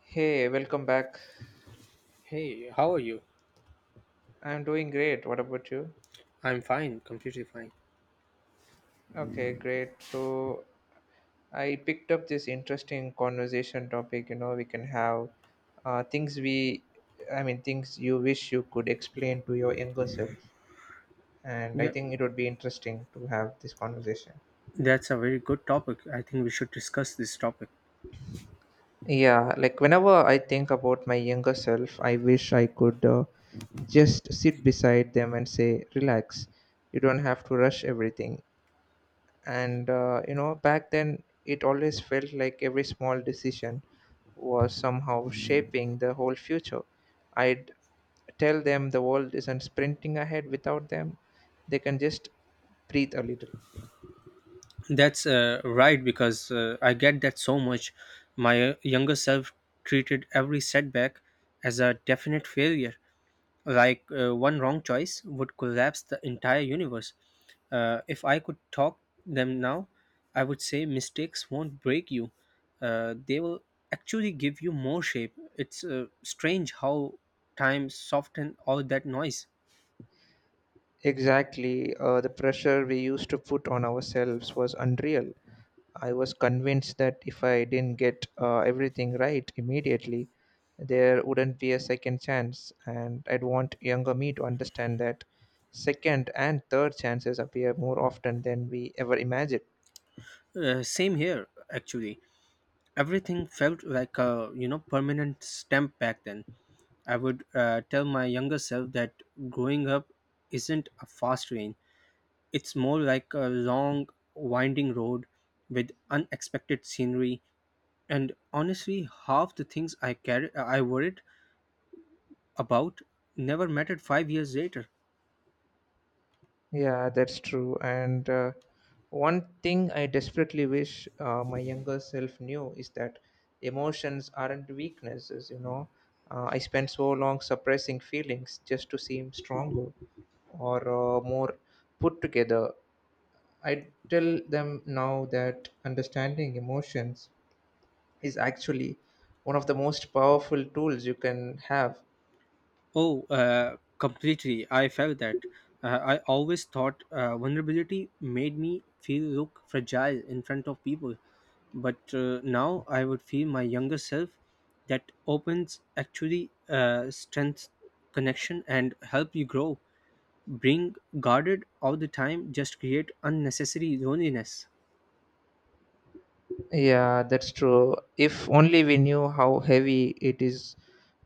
Hey, welcome back. Hey, how are you? I'm doing great. What about you? I'm fine, completely fine. Okay, great. So I picked up this interesting conversation topic. You know, we can have uh, things we, I mean, things you wish you could explain to your younger self. And I Yeah, think it would be interesting to have this conversation. that's a very good topic. I think we should discuss this topic. Yeah, like whenever I think about my younger self, I wish I could just sit beside them and say, relax. You don't have to rush everything. And you know, back then it always felt like every small decision was somehow shaping the whole future. I'd tell them the world isn't sprinting ahead without them. They can just breathe a little. That's right because I get that so much. My younger self treated every setback as a definite failure, like one wrong choice would collapse the entire universe. If I could talk them now, I would say mistakes won't break you. They will actually give you more shape. It's strange how time softened all that noise. Exactly. The pressure we used to put on ourselves was unreal. I was convinced that if I didn't get everything right immediately, there wouldn't be a second chance, and I'd want younger me to understand that second and third chances appear more often than we ever imagine. Same here, actually. Everything felt like a permanent stamp back then. I would tell my younger self that growing up isn't a fast lane. It's more like a long, winding road with unexpected scenery, and honestly, half the things I carried, I worried about never mattered 5 years later. Yeah, that's true. And one thing I desperately wish my younger self knew is that emotions aren't weaknesses, you know. I spent so long suppressing feelings just to seem stronger or more put together. I tell them now that understanding emotions is actually one of the most powerful tools you can have. Oh, completely. I felt that. I always thought vulnerability made me feel look fragile in front of people, but now I would feel my younger self that opens actually strength connection and help you grow. Being guarded all the time just create unnecessary loneliness. Yeah, that's true. If only we knew how heavy it is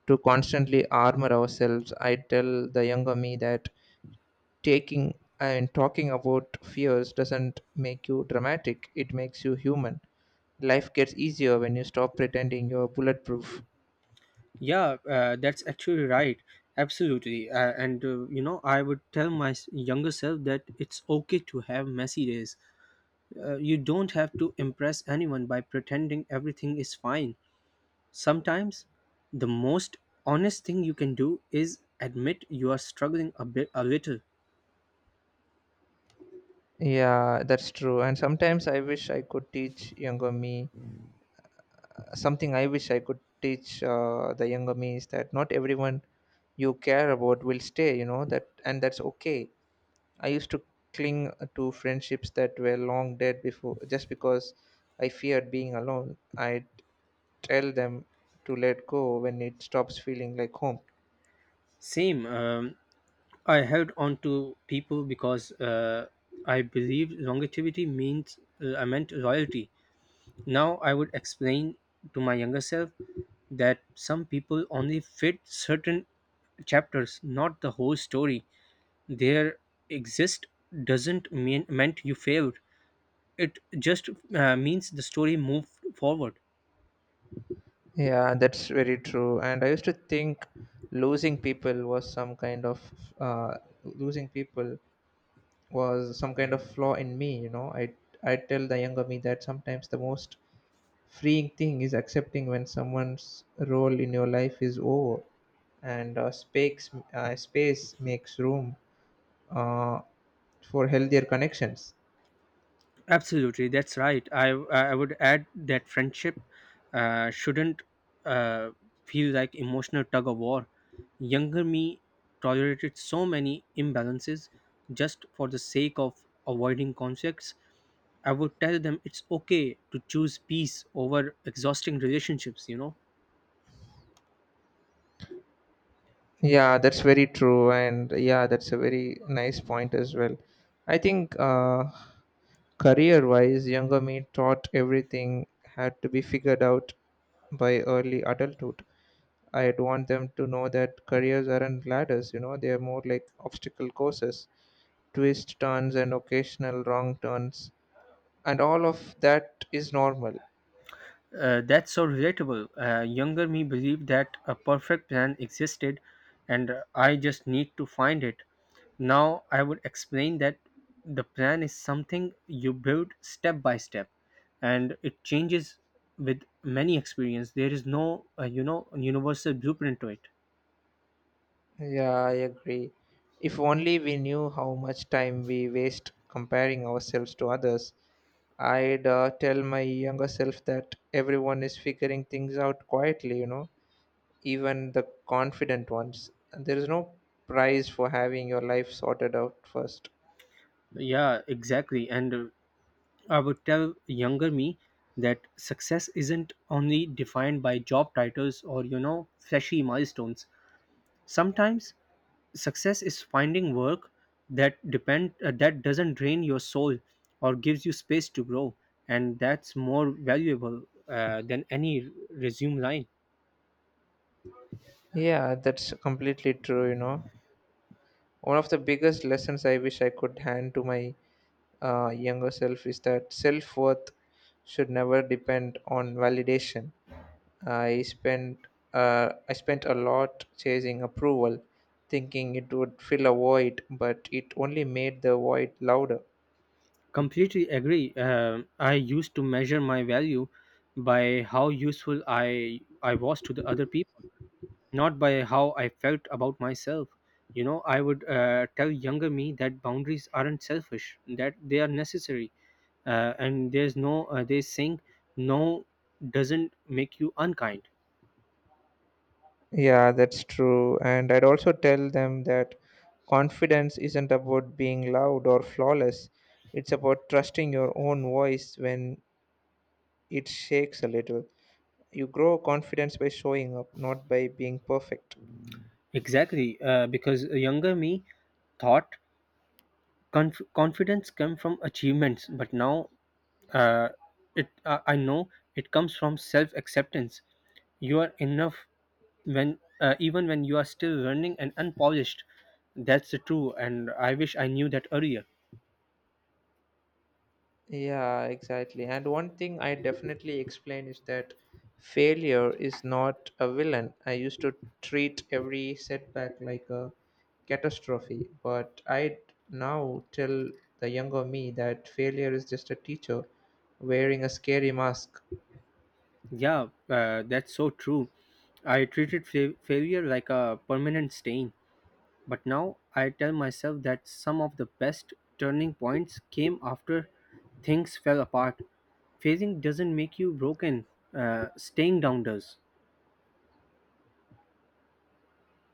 to constantly armor ourselves. I tell the younger me that taking and talking about fears doesn't make you dramatic, it makes you human. Life gets easier when you stop pretending you're bulletproof. Yeah, that's actually right. Absolutely. Uh, and I would tell my younger self that it's okay to have messy days. You don't have to impress anyone by pretending everything is fine. Sometimes the most honest thing you can do is admit you are struggling a bit a little. Yeah, that's true. And sometimes I wish I could teach younger me something I wish I could teach the younger me is that not everyone you care about will stay, you know, that, and that's okay. I used to cling to friendships that were long dead before just because I feared being alone. I'd tell them to let go when it stops feeling like home. Same. I held on to people because I believed longevity means I meant loyalty. Now I would explain to my younger self that some people only fit certain chapters, not the whole story. Their exist doesn't mean meant you failed. It just means the story moved forward. Yeah, that's very true. And I used to think losing people was some kind of uh, losing people was some kind of flaw in me. You know, I tell the younger me that sometimes the most freeing thing is accepting when someone's role in your life is over. And space makes room uh, for healthier connections. Absolutely, that's right. I would add that friendship shouldn't uh, feel like emotional tug of war. Younger me tolerated so many imbalances just for the sake of avoiding conflicts. I would tell them it's okay to choose peace over exhausting relationships. Yeah, that's very true. And yeah, that's a very nice point as well. I think career wise younger me thought everything had to be figured out by early adulthood. I'd want them to know that careers aren't ladders, you know, they are more like obstacle courses, twist, turns, and occasional wrong turns, and all of that is normal. That's so relatable. Younger me believed that a perfect plan existed, and I just need to find it. Now I would explain that the plan is something you build step by step and it changes with many experience. There is no, universal blueprint to it. Yeah, I agree. If only we knew how much time we waste comparing ourselves to others. I'd tell my younger self that everyone is figuring things out quietly, you know, even the confident ones. And there is no prize for having your life sorted out first. Yeah, exactly. And I would tell younger me that success isn't only defined by job titles or, you know, flashy milestones. Sometimes success is finding work that doesn't drain your soul or gives you space to grow, and that's more valuable than any resume line. Yeah, that's completely true, you know. One of the biggest lessons I wish I could hand to my younger self is that self worth should never depend on validation. I spent I spent a lot chasing approval, thinking it would fill a void, but it only made the void louder. Completely agree. I used to measure my value by how useful I was to the other people, not by how I felt about myself. You know, I would tell younger me that boundaries aren't selfish, that they are necessary, and there's no, they saying no doesn't make you unkind. Yeah, that's true. And I'd also tell them that confidence isn't about being loud or flawless. It's about trusting your own voice when it shakes a little. You grow confidence by showing up, not by being perfect. Exactly, because younger me thought confidence come from achievements, but now, uh, it I know it comes from self acceptance. You are enough when even when you are still learning and unpolished. That's true, and I wish I knew that earlier. Yeah, exactly. And one thing I definitely explain is that failure is not a villain. I used to treat every setback like a catastrophe, but I now tell the younger me that failure is just a teacher wearing a scary mask. Yeah, that's so true. I treated failure like a permanent stain, but now I tell myself that some of the best turning points came after things fell apart. Failing doesn't make you broken. Staying down does.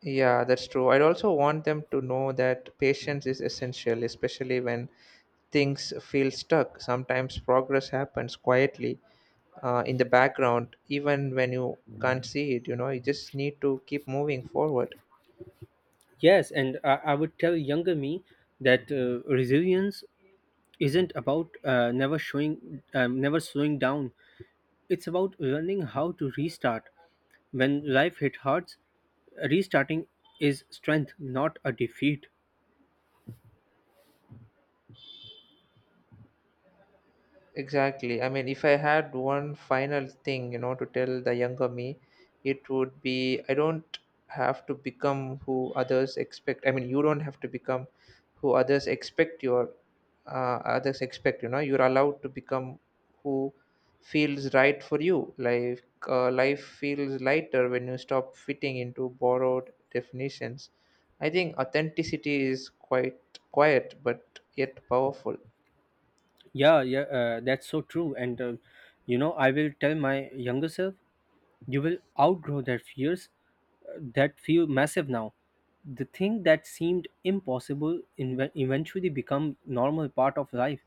Yeah, that's true. I'd also want them to know that patience is essential, especially when things feel stuck. Sometimes progress happens quietly in the background, even when you can't see it. You know, you just need to keep moving forward. Yes, and I would tell younger me that resilience isn't about never slowing down. It's about learning how to restart. When life hit hard, restarting is strength, not a defeat. Exactly. I mean, if I had one final thing, you know, to tell the younger me, it would be I mean, you don't have to become who others expect your others expect. You know, you're allowed to become who feels right for you. Like life feels lighter when you stop fitting into borrowed definitions. I think authenticity is quite quiet, but yet powerful. Yeah, yeah, that's so true. And I will tell my younger self, you will outgrow that fears that feel massive now. The thing that seemed impossible eventually become normal part of life.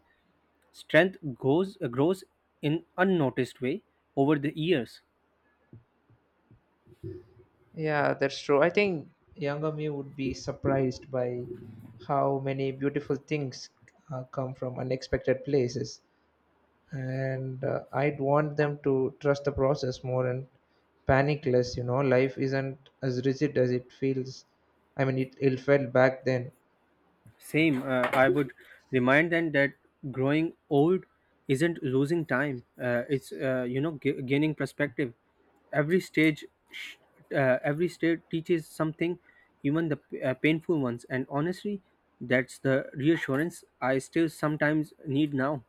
Strength goes grows in unnoticed way over the years. Yeah, that's true. I think younger me would be surprised by how many beautiful things come from unexpected places. And I'd want them to trust the process more and panic less. You know, life isn't as rigid as it feels. I mean, it felt back then. Same. I would remind them that growing old isn't losing time. It's gaining perspective. Every stage, sh- every stage teaches something, even the painful ones. And honestly, that's the reassurance I still sometimes need now.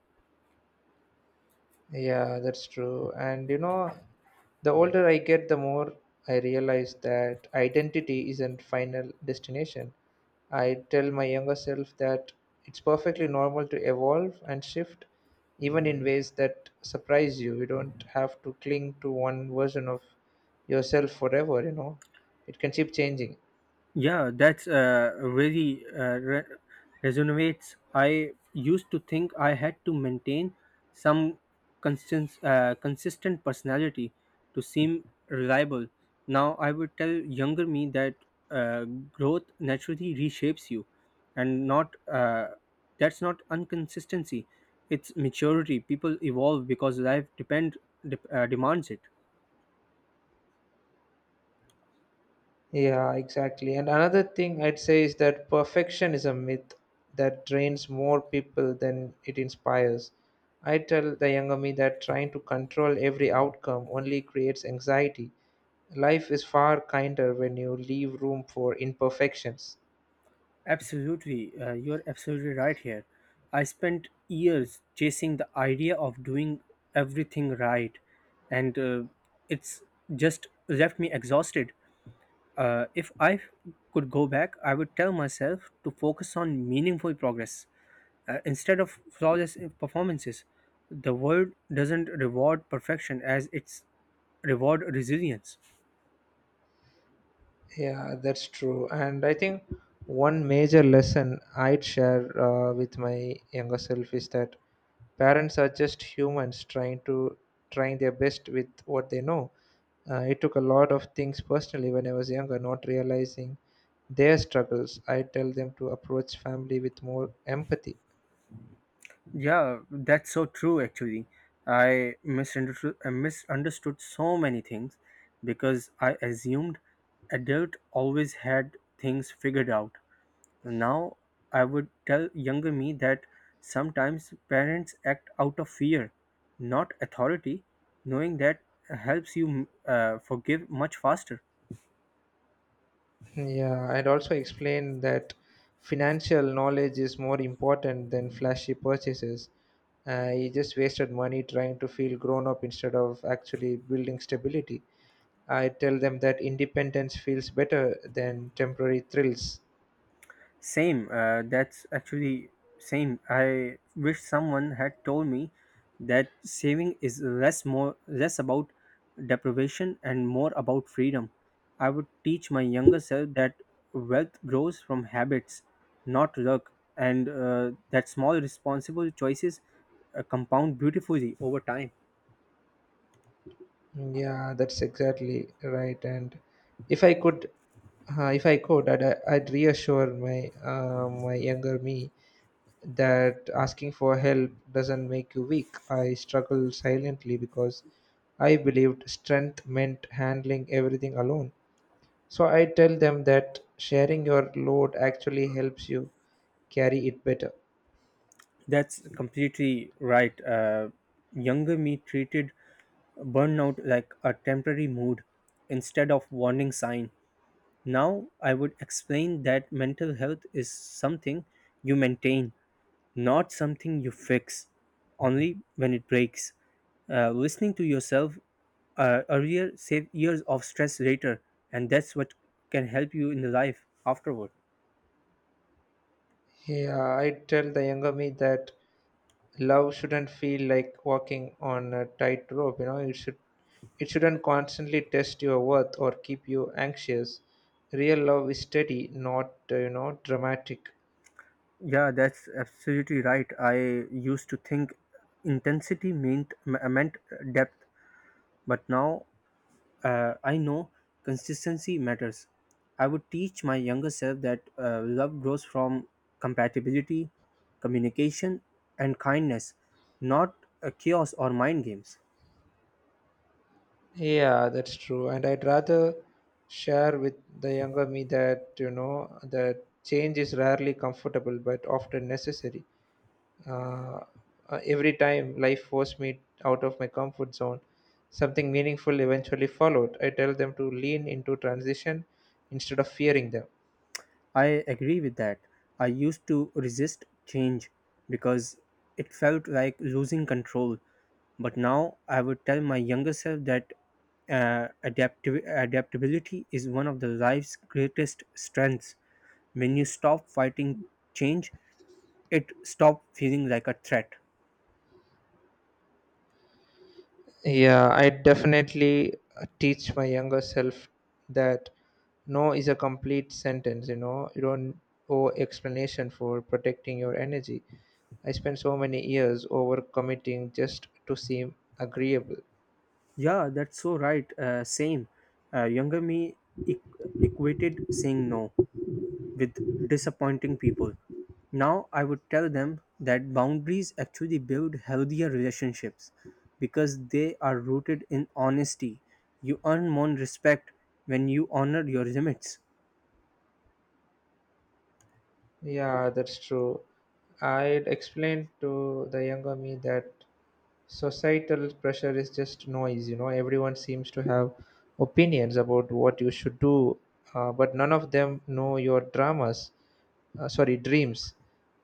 Yeah, that's true. And you know, the older I get, the more I realize that identity isn't final destination. I tell my younger self that it's perfectly normal to evolve and shift, even in ways that surprise you. You don't have to cling to one version of yourself forever, you know. It can keep changing. Yeah, that's very resonates. I used to think I had to maintain some consistent personality to seem reliable. Now I would tell younger me that uh, growth naturally reshapes you, and not that's not inconsistency. It's maturity. People evolve because life depend dep demands it. Yeah, exactly. And another thing I'd say is that perfection is a myth that drains more people than it inspires. I tell the younger me that trying to control every outcome only creates anxiety. Life is far kinder when you leave room for imperfections. Absolutely, you're absolutely right here. I spent years chasing the idea of doing everything right, and it's just left me exhausted. If I could go back, I would tell myself to focus on meaningful progress instead of flawless performances. The world doesn't reward perfection as it's reward resilience. Yeah, that's true. And I think one major lesson I'd share with my younger self is that parents are just humans trying their best with what they know. I took a lot of things personally when I was younger, not realizing their struggles. I tell them to approach family with more empathy. Yeah, that's so true, actually. I misunderstood so many things because I assumed adult always had things figured out. Now I would tell younger me that sometimes parents act out of fear, not authority. Knowing that helps you forgive much faster. Yeah, I'd also explain that financial knowledge is more important than flashy purchases. I just wasted money trying to feel grown up instead of actually building stability. I tell them that independence feels better than temporary thrills. Same. That's actually same. I wish someone had told me that saving is less more less about deprivation and more about freedom. I would teach my younger self that wealth grows from habits, not luck, and that small responsible choices compound beautifully over time. Yeah, that's exactly right. And if I could, if I could, I'd reassure my my younger me that asking for help doesn't make you weak. I struggled silently because I believed strength meant handling everything alone. So I tell them that sharing your load actually helps you carry it better. That's completely right. Younger me treated burnout like a temporary mood instead of warning sign. Now I would explain that mental health is something you maintain, not something you fix, only when it breaks. Listening to yourself earlier save years of stress later, and that's what can help you in the life afterward. Yeah, I tell the younger me that love shouldn't feel like walking on a tightrope. You know, it shouldn't constantly test your worth or keep you anxious. Real love is steady, not you know, dramatic. Yeah, that's absolutely right. I used to think intensity meant depth, but now, I know consistency matters. I would teach my younger self that love grows from compatibility, communication, and kindness, not chaos or mind games. Yeah, that's true. And I'd rather share with the younger me that, you know, that change is rarely comfortable but often necessary. Uh, every time life forced me out of my comfort zone, something meaningful eventually followed. I tell them to lean into transition instead of fearing them. I agree with that. I used to resist change because it felt like losing control. But now I would tell my younger self that adaptability is one of the life's greatest strengths. When you stop fighting change, it stop feeling like a threat. Yeah, I definitely teach my younger self that no is a complete sentence. You know, you don't owe explanation for protecting your energy. I spent so many years overcommitting just to seem agreeable. Yeah, that's so right. Same. Younger me equ- equated saying no with disappointing people. Now I would tell them that boundaries actually build healthier relationships because they are rooted in honesty. You earn more respect when you honor your limits. Yeah, that's true. I'd explain to the younger me that societal pressure is just noise. You know, everyone seems to have opinions about what you should do, but none of them know your dramas sorry dreams.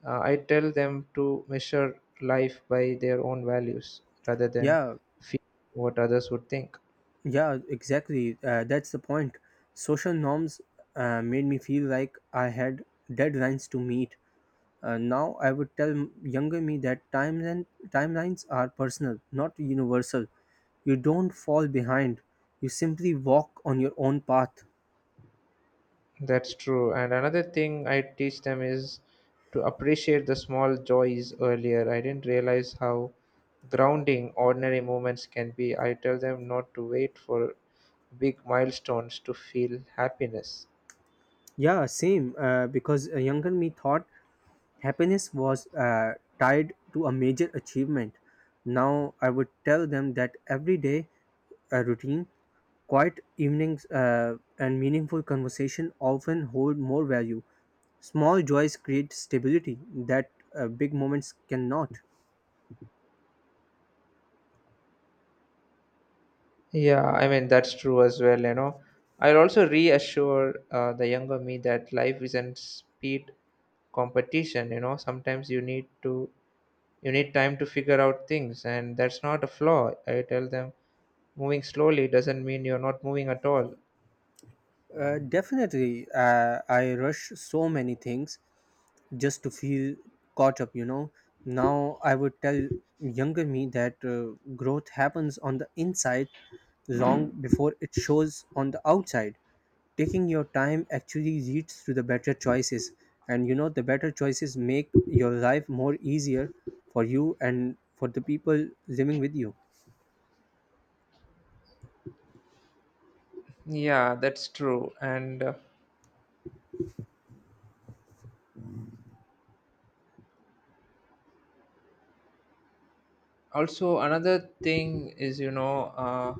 I tell them to measure life by their own values rather than Yeah, fear what others would think. yeah, exactly. That's the point. Social norms made me feel like I had deadlines to meet. Now I would tell younger me that timelines are personal, not universal. You don't fall behind. You simply walk on your own path. That's true. And another thing I teach them is to appreciate the small joys earlier. I didn't realize how grounding ordinary moments can be. I tell them not to wait for big milestones to feel happiness. Yeah, same. Because a younger me thought happiness was tied to a major achievement. Now I would tell them that every day a routine, quiet evenings, and meaningful conversation often hold more value. Small joys create stability that big moments cannot. Yeah, I mean, that's true as well, you know. I'll also reassure the younger me that life isn't speed competition. You know, sometimes you need to you need time to figure out things and that's not a flaw. I tell them moving slowly doesn't mean you're not moving at all. Definitely, I rush so many things, just to feel caught up. Now I would tell younger me that growth happens on the inside long before it shows on the outside. Taking your time actually leads to the better choices, and the better choices make your life more easier for you and for the people living with you. Yeah, that's true. And also, another thing is, you know,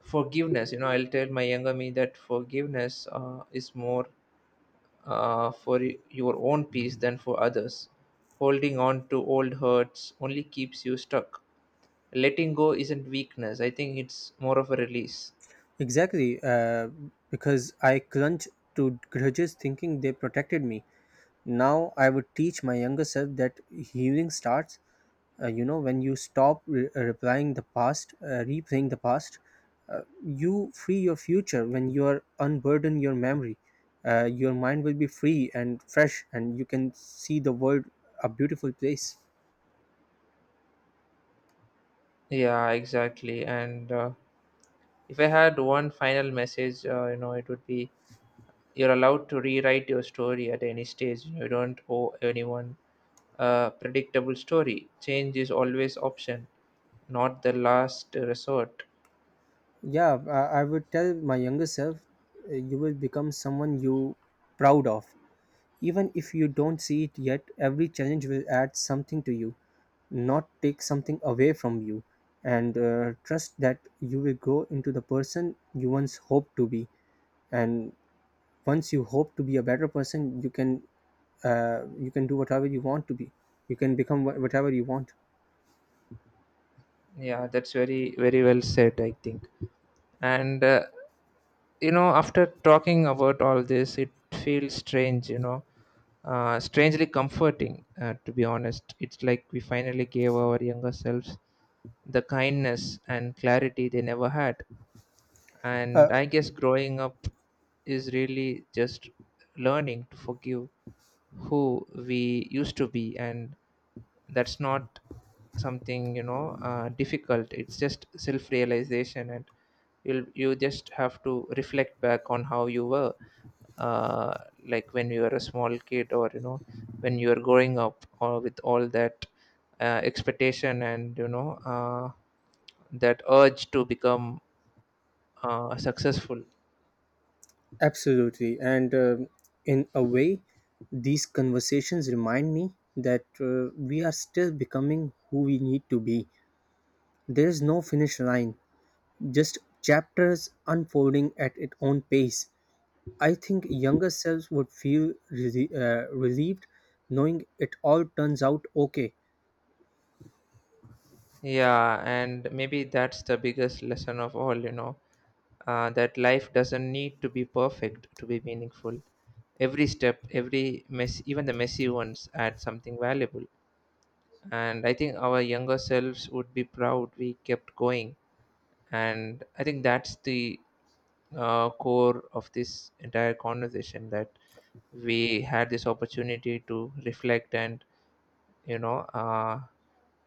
forgiveness. You know, I'll tell my younger me that forgiveness is more for your own peace than for others. Holding on to old hurts only keeps you stuck. Letting go isn't weakness, I think it's more of a release. Exactly, because I clung to grudges thinking they protected me. Now I would teach my younger self that healing starts when you stop re- replying the past replaying the past. You free your future when you are unburden your memory. Your mind will be free and fresh, and you can see the world a beautiful place. Yeah, exactly. And if I had one final message, you know, it would be you're allowed to rewrite your story at any stage. You don't owe anyone a predictable story. Change is always option, not the last resort. Yeah, I would tell my younger self, you will become someone you proud of. Even if you don't see it yet, every challenge will add something to you, not take something away from you. And trust that you will grow into the person you once hoped to be. And once you hope to be a better person, you can do whatever you want to be. You can become whatever you want. Yeah, that's very, very well said, I think. And You know, after talking about all this, it feels strangely comforting, to be honest. It's like we finally gave our younger selves the kindness and clarity they never had, Uh, and I guess growing up is really just learning to forgive who we used to be. And that's not something difficult, it's just self realization. And you just have to reflect back on how you were, uh, like when you were a small kid, or you know, when you were growing up, or with all that expectation and that urge to become successful. absolutely. And in a way, these conversations remind me that we are still becoming who we need to be. There is no finish line, just chapters unfolding at its own pace. I think younger selves would feel relieved knowing it all turns out okay. Yeah, and maybe that's the biggest lesson of all, that life doesn't need to be perfect to be meaningful. Every step, every mess, even the messy ones, add something valuable. And I think our younger selves would be proud we kept going. And I think that's the core of this entire conversation, that we had this opportunity to reflect and, you know, uh,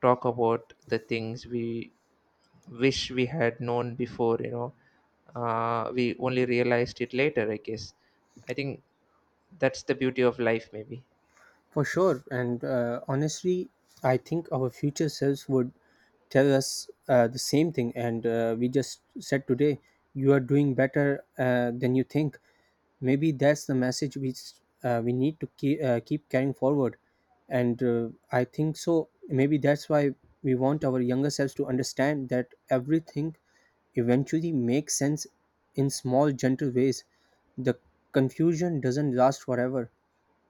talk about the things we wish we had known before. We only realized it later, I guess. I think that's the beauty of life, maybe. For sure. And honestly, I think our future selves would tell us the same thing, and we just said today, you are doing better than you think. Maybe that's the message we need to keep carrying forward, and I think so. Maybe that's why we want our younger selves to understand that everything eventually makes sense in small, gentle ways. The confusion doesn't last forever.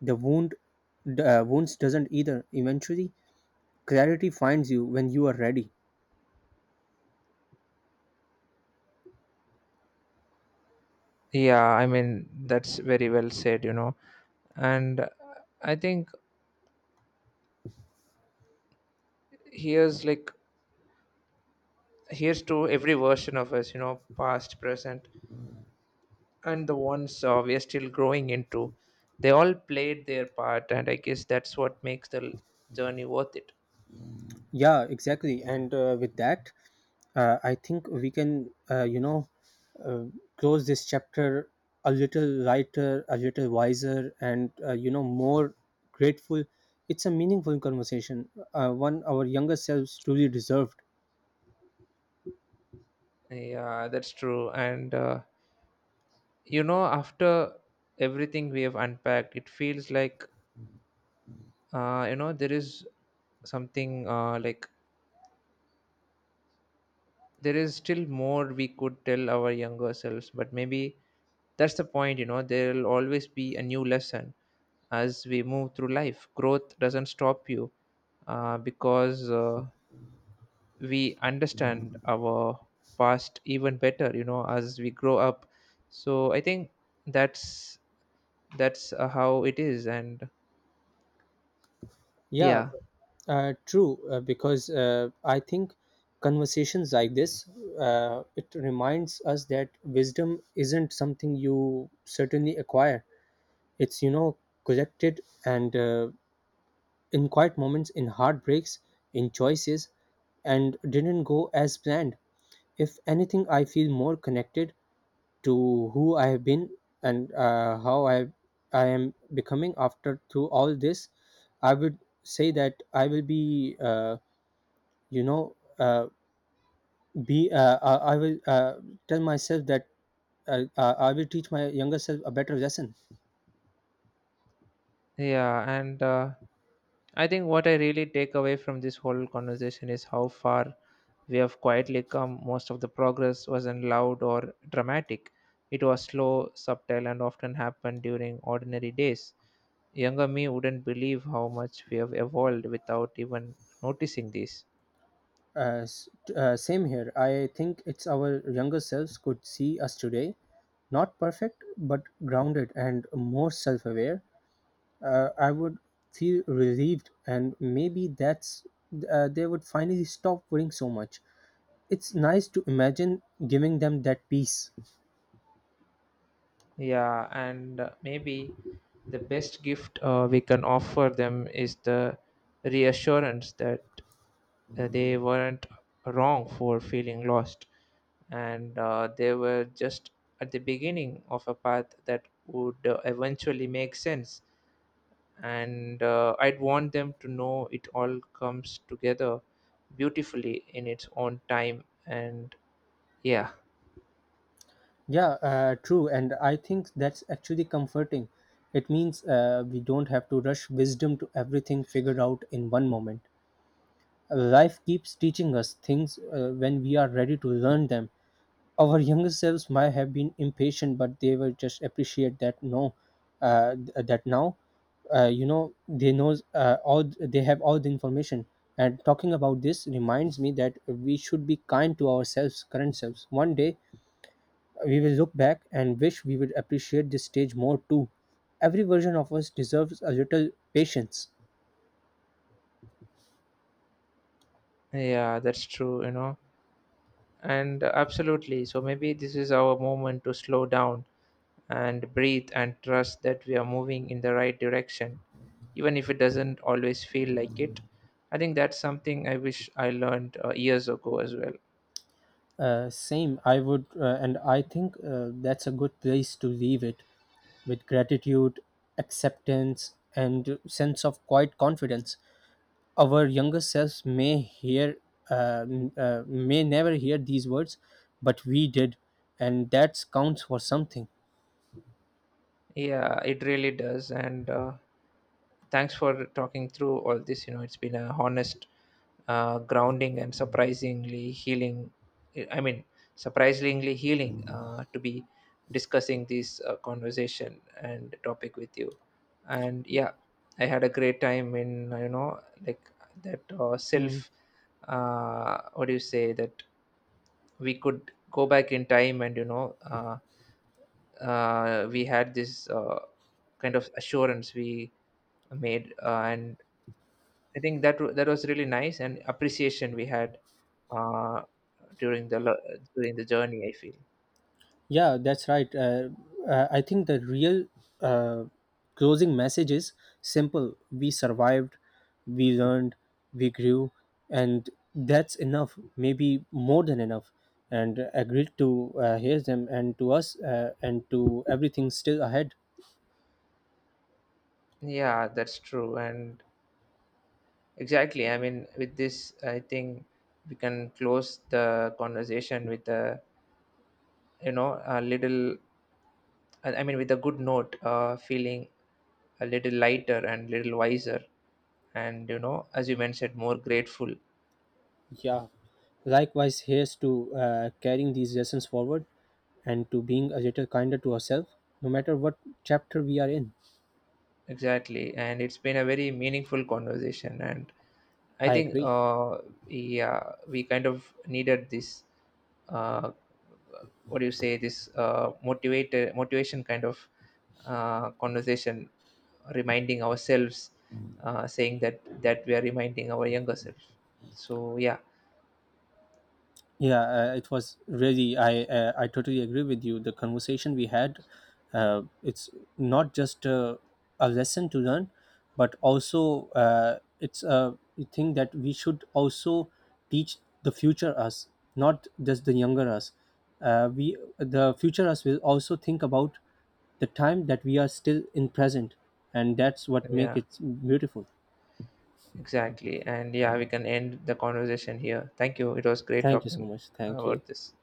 The wounds doesn't either. Eventually, clarity finds you when you are ready. Yeah, I mean, that's very well said. And I think here's like here's to every version of us, you know, past, present, and the ones we are still growing into. They all played their part, and I guess that's what makes the journey worth it. Yeah, exactly. And with that, I think we can, uh, close this chapter a little lighter, a little wiser, and more grateful. It's a meaningful conversation, one our younger selves truly deserved. Yeah, that's true. And you know, after everything we have unpacked, it feels like, you know, there is something, like, there is still more we could tell our younger selves, but maybe that's the point. You know, there will always be a new lesson as we move through life. Growth doesn't stop you because we understand our past even better, you know, as we grow up. So I think that's, that's how it is. And Yeah, yeah. True. Because I think conversations like this, it reminds us that wisdom isn't something you certainly acquire. It's collected, and in quiet moments, in heartbreaks, in choices, and didn't go as planned. If anything, I feel more connected to who I have been and how I am becoming. After through all this, I would say that I will be you know be I will tell myself that I will teach my younger self a better lesson. Yeah, and I think what I really take away from this whole conversation is how far we have quietly come. Most of the progress wasn't loud or dramatic, it was slow, subtle, and often happened during ordinary days. Younger me wouldn't believe how much we have evolved without even noticing this. Uh, s- same here. I think it's our younger selves could see us today, not perfect but grounded and more self-aware. I would feel relieved, and maybe that's they would finally stop worrying so much. It's nice to imagine giving them that peace. Yeah, and maybe the best gift we can offer them is the reassurance that they weren't wrong for feeling lost, and they were just at the beginning of a path that would eventually make sense. And I'd want them to know it all comes together beautifully in its own time. And yeah. Yeah, true, and I think that's actually comforting. It means we don't have to rush wisdom to everything figured out in one moment. Life keeps teaching us things when we are ready to learn them. Our younger selves might have been impatient, but they will just appreciate that no th- that now they knows all they have all the information. And talking about this reminds me that we should be kind to ourselves current selves. One day we will look back and wish we would appreciate this stage more too. Every version of us deserves a little patience. Yeah, that's true. And absolutely, so maybe this is our moment to slow down and breathe, and trust that we are moving in the right direction, even if it doesn't always feel like it. I think that's something I wish I learned years ago as well. Same, and I think that's a good place to leave it with gratitude, acceptance, and sense of quiet confidence. Our younger selves may never hear these words, but we did, and that counts for something. Yeah, it really does. And thanks for talking through all this. You know, it's been a honest, grounding, and surprisingly healing. I mean, surprisingly healing to be discussing this conversation and topic with you. And yeah, I had a great time in like that Hmm. self. What do you say that we could go back in time, and we had this kind of assurance we made, and I think that that was really nice, and appreciation we had, uh, during the during the journey, I feel. Yeah, that's right. I think the real uh, closing message is simple. We survived, we learned, we grew, and that's enough, maybe more than enough. And agreed to hear them and to us, and to everything still ahead. Yeah, that's true, and exactly. I mean, with this, I think we can close the conversation with a, you know, a little. I mean, with a good note, feeling a little lighter and little wiser, and you know, as you mentioned, more grateful. Yeah. Likewise, here's to carrying these lessons forward and to being a little kinder to ourselves, no matter what chapter we are in. Exactly, and it's been a very meaningful conversation. And I I think agree. Yeah, we kind of needed this. Uh, what do you say? This motivated motivation kind of conversation, reminding ourselves, saying that we are reminding our younger self. So yeah, Yeah, it was really. I totally agree with you. The conversation we had, it's not just a lesson to learn, but also it's a thing that we should also teach the future us, not just the younger us. We the future us will also think about the time that we are still in present, and that's what make yeah, it beautiful. exactly, and yeah, we can end the conversation here. Thank you. It was great Thank you so talking much. Thank you. about this.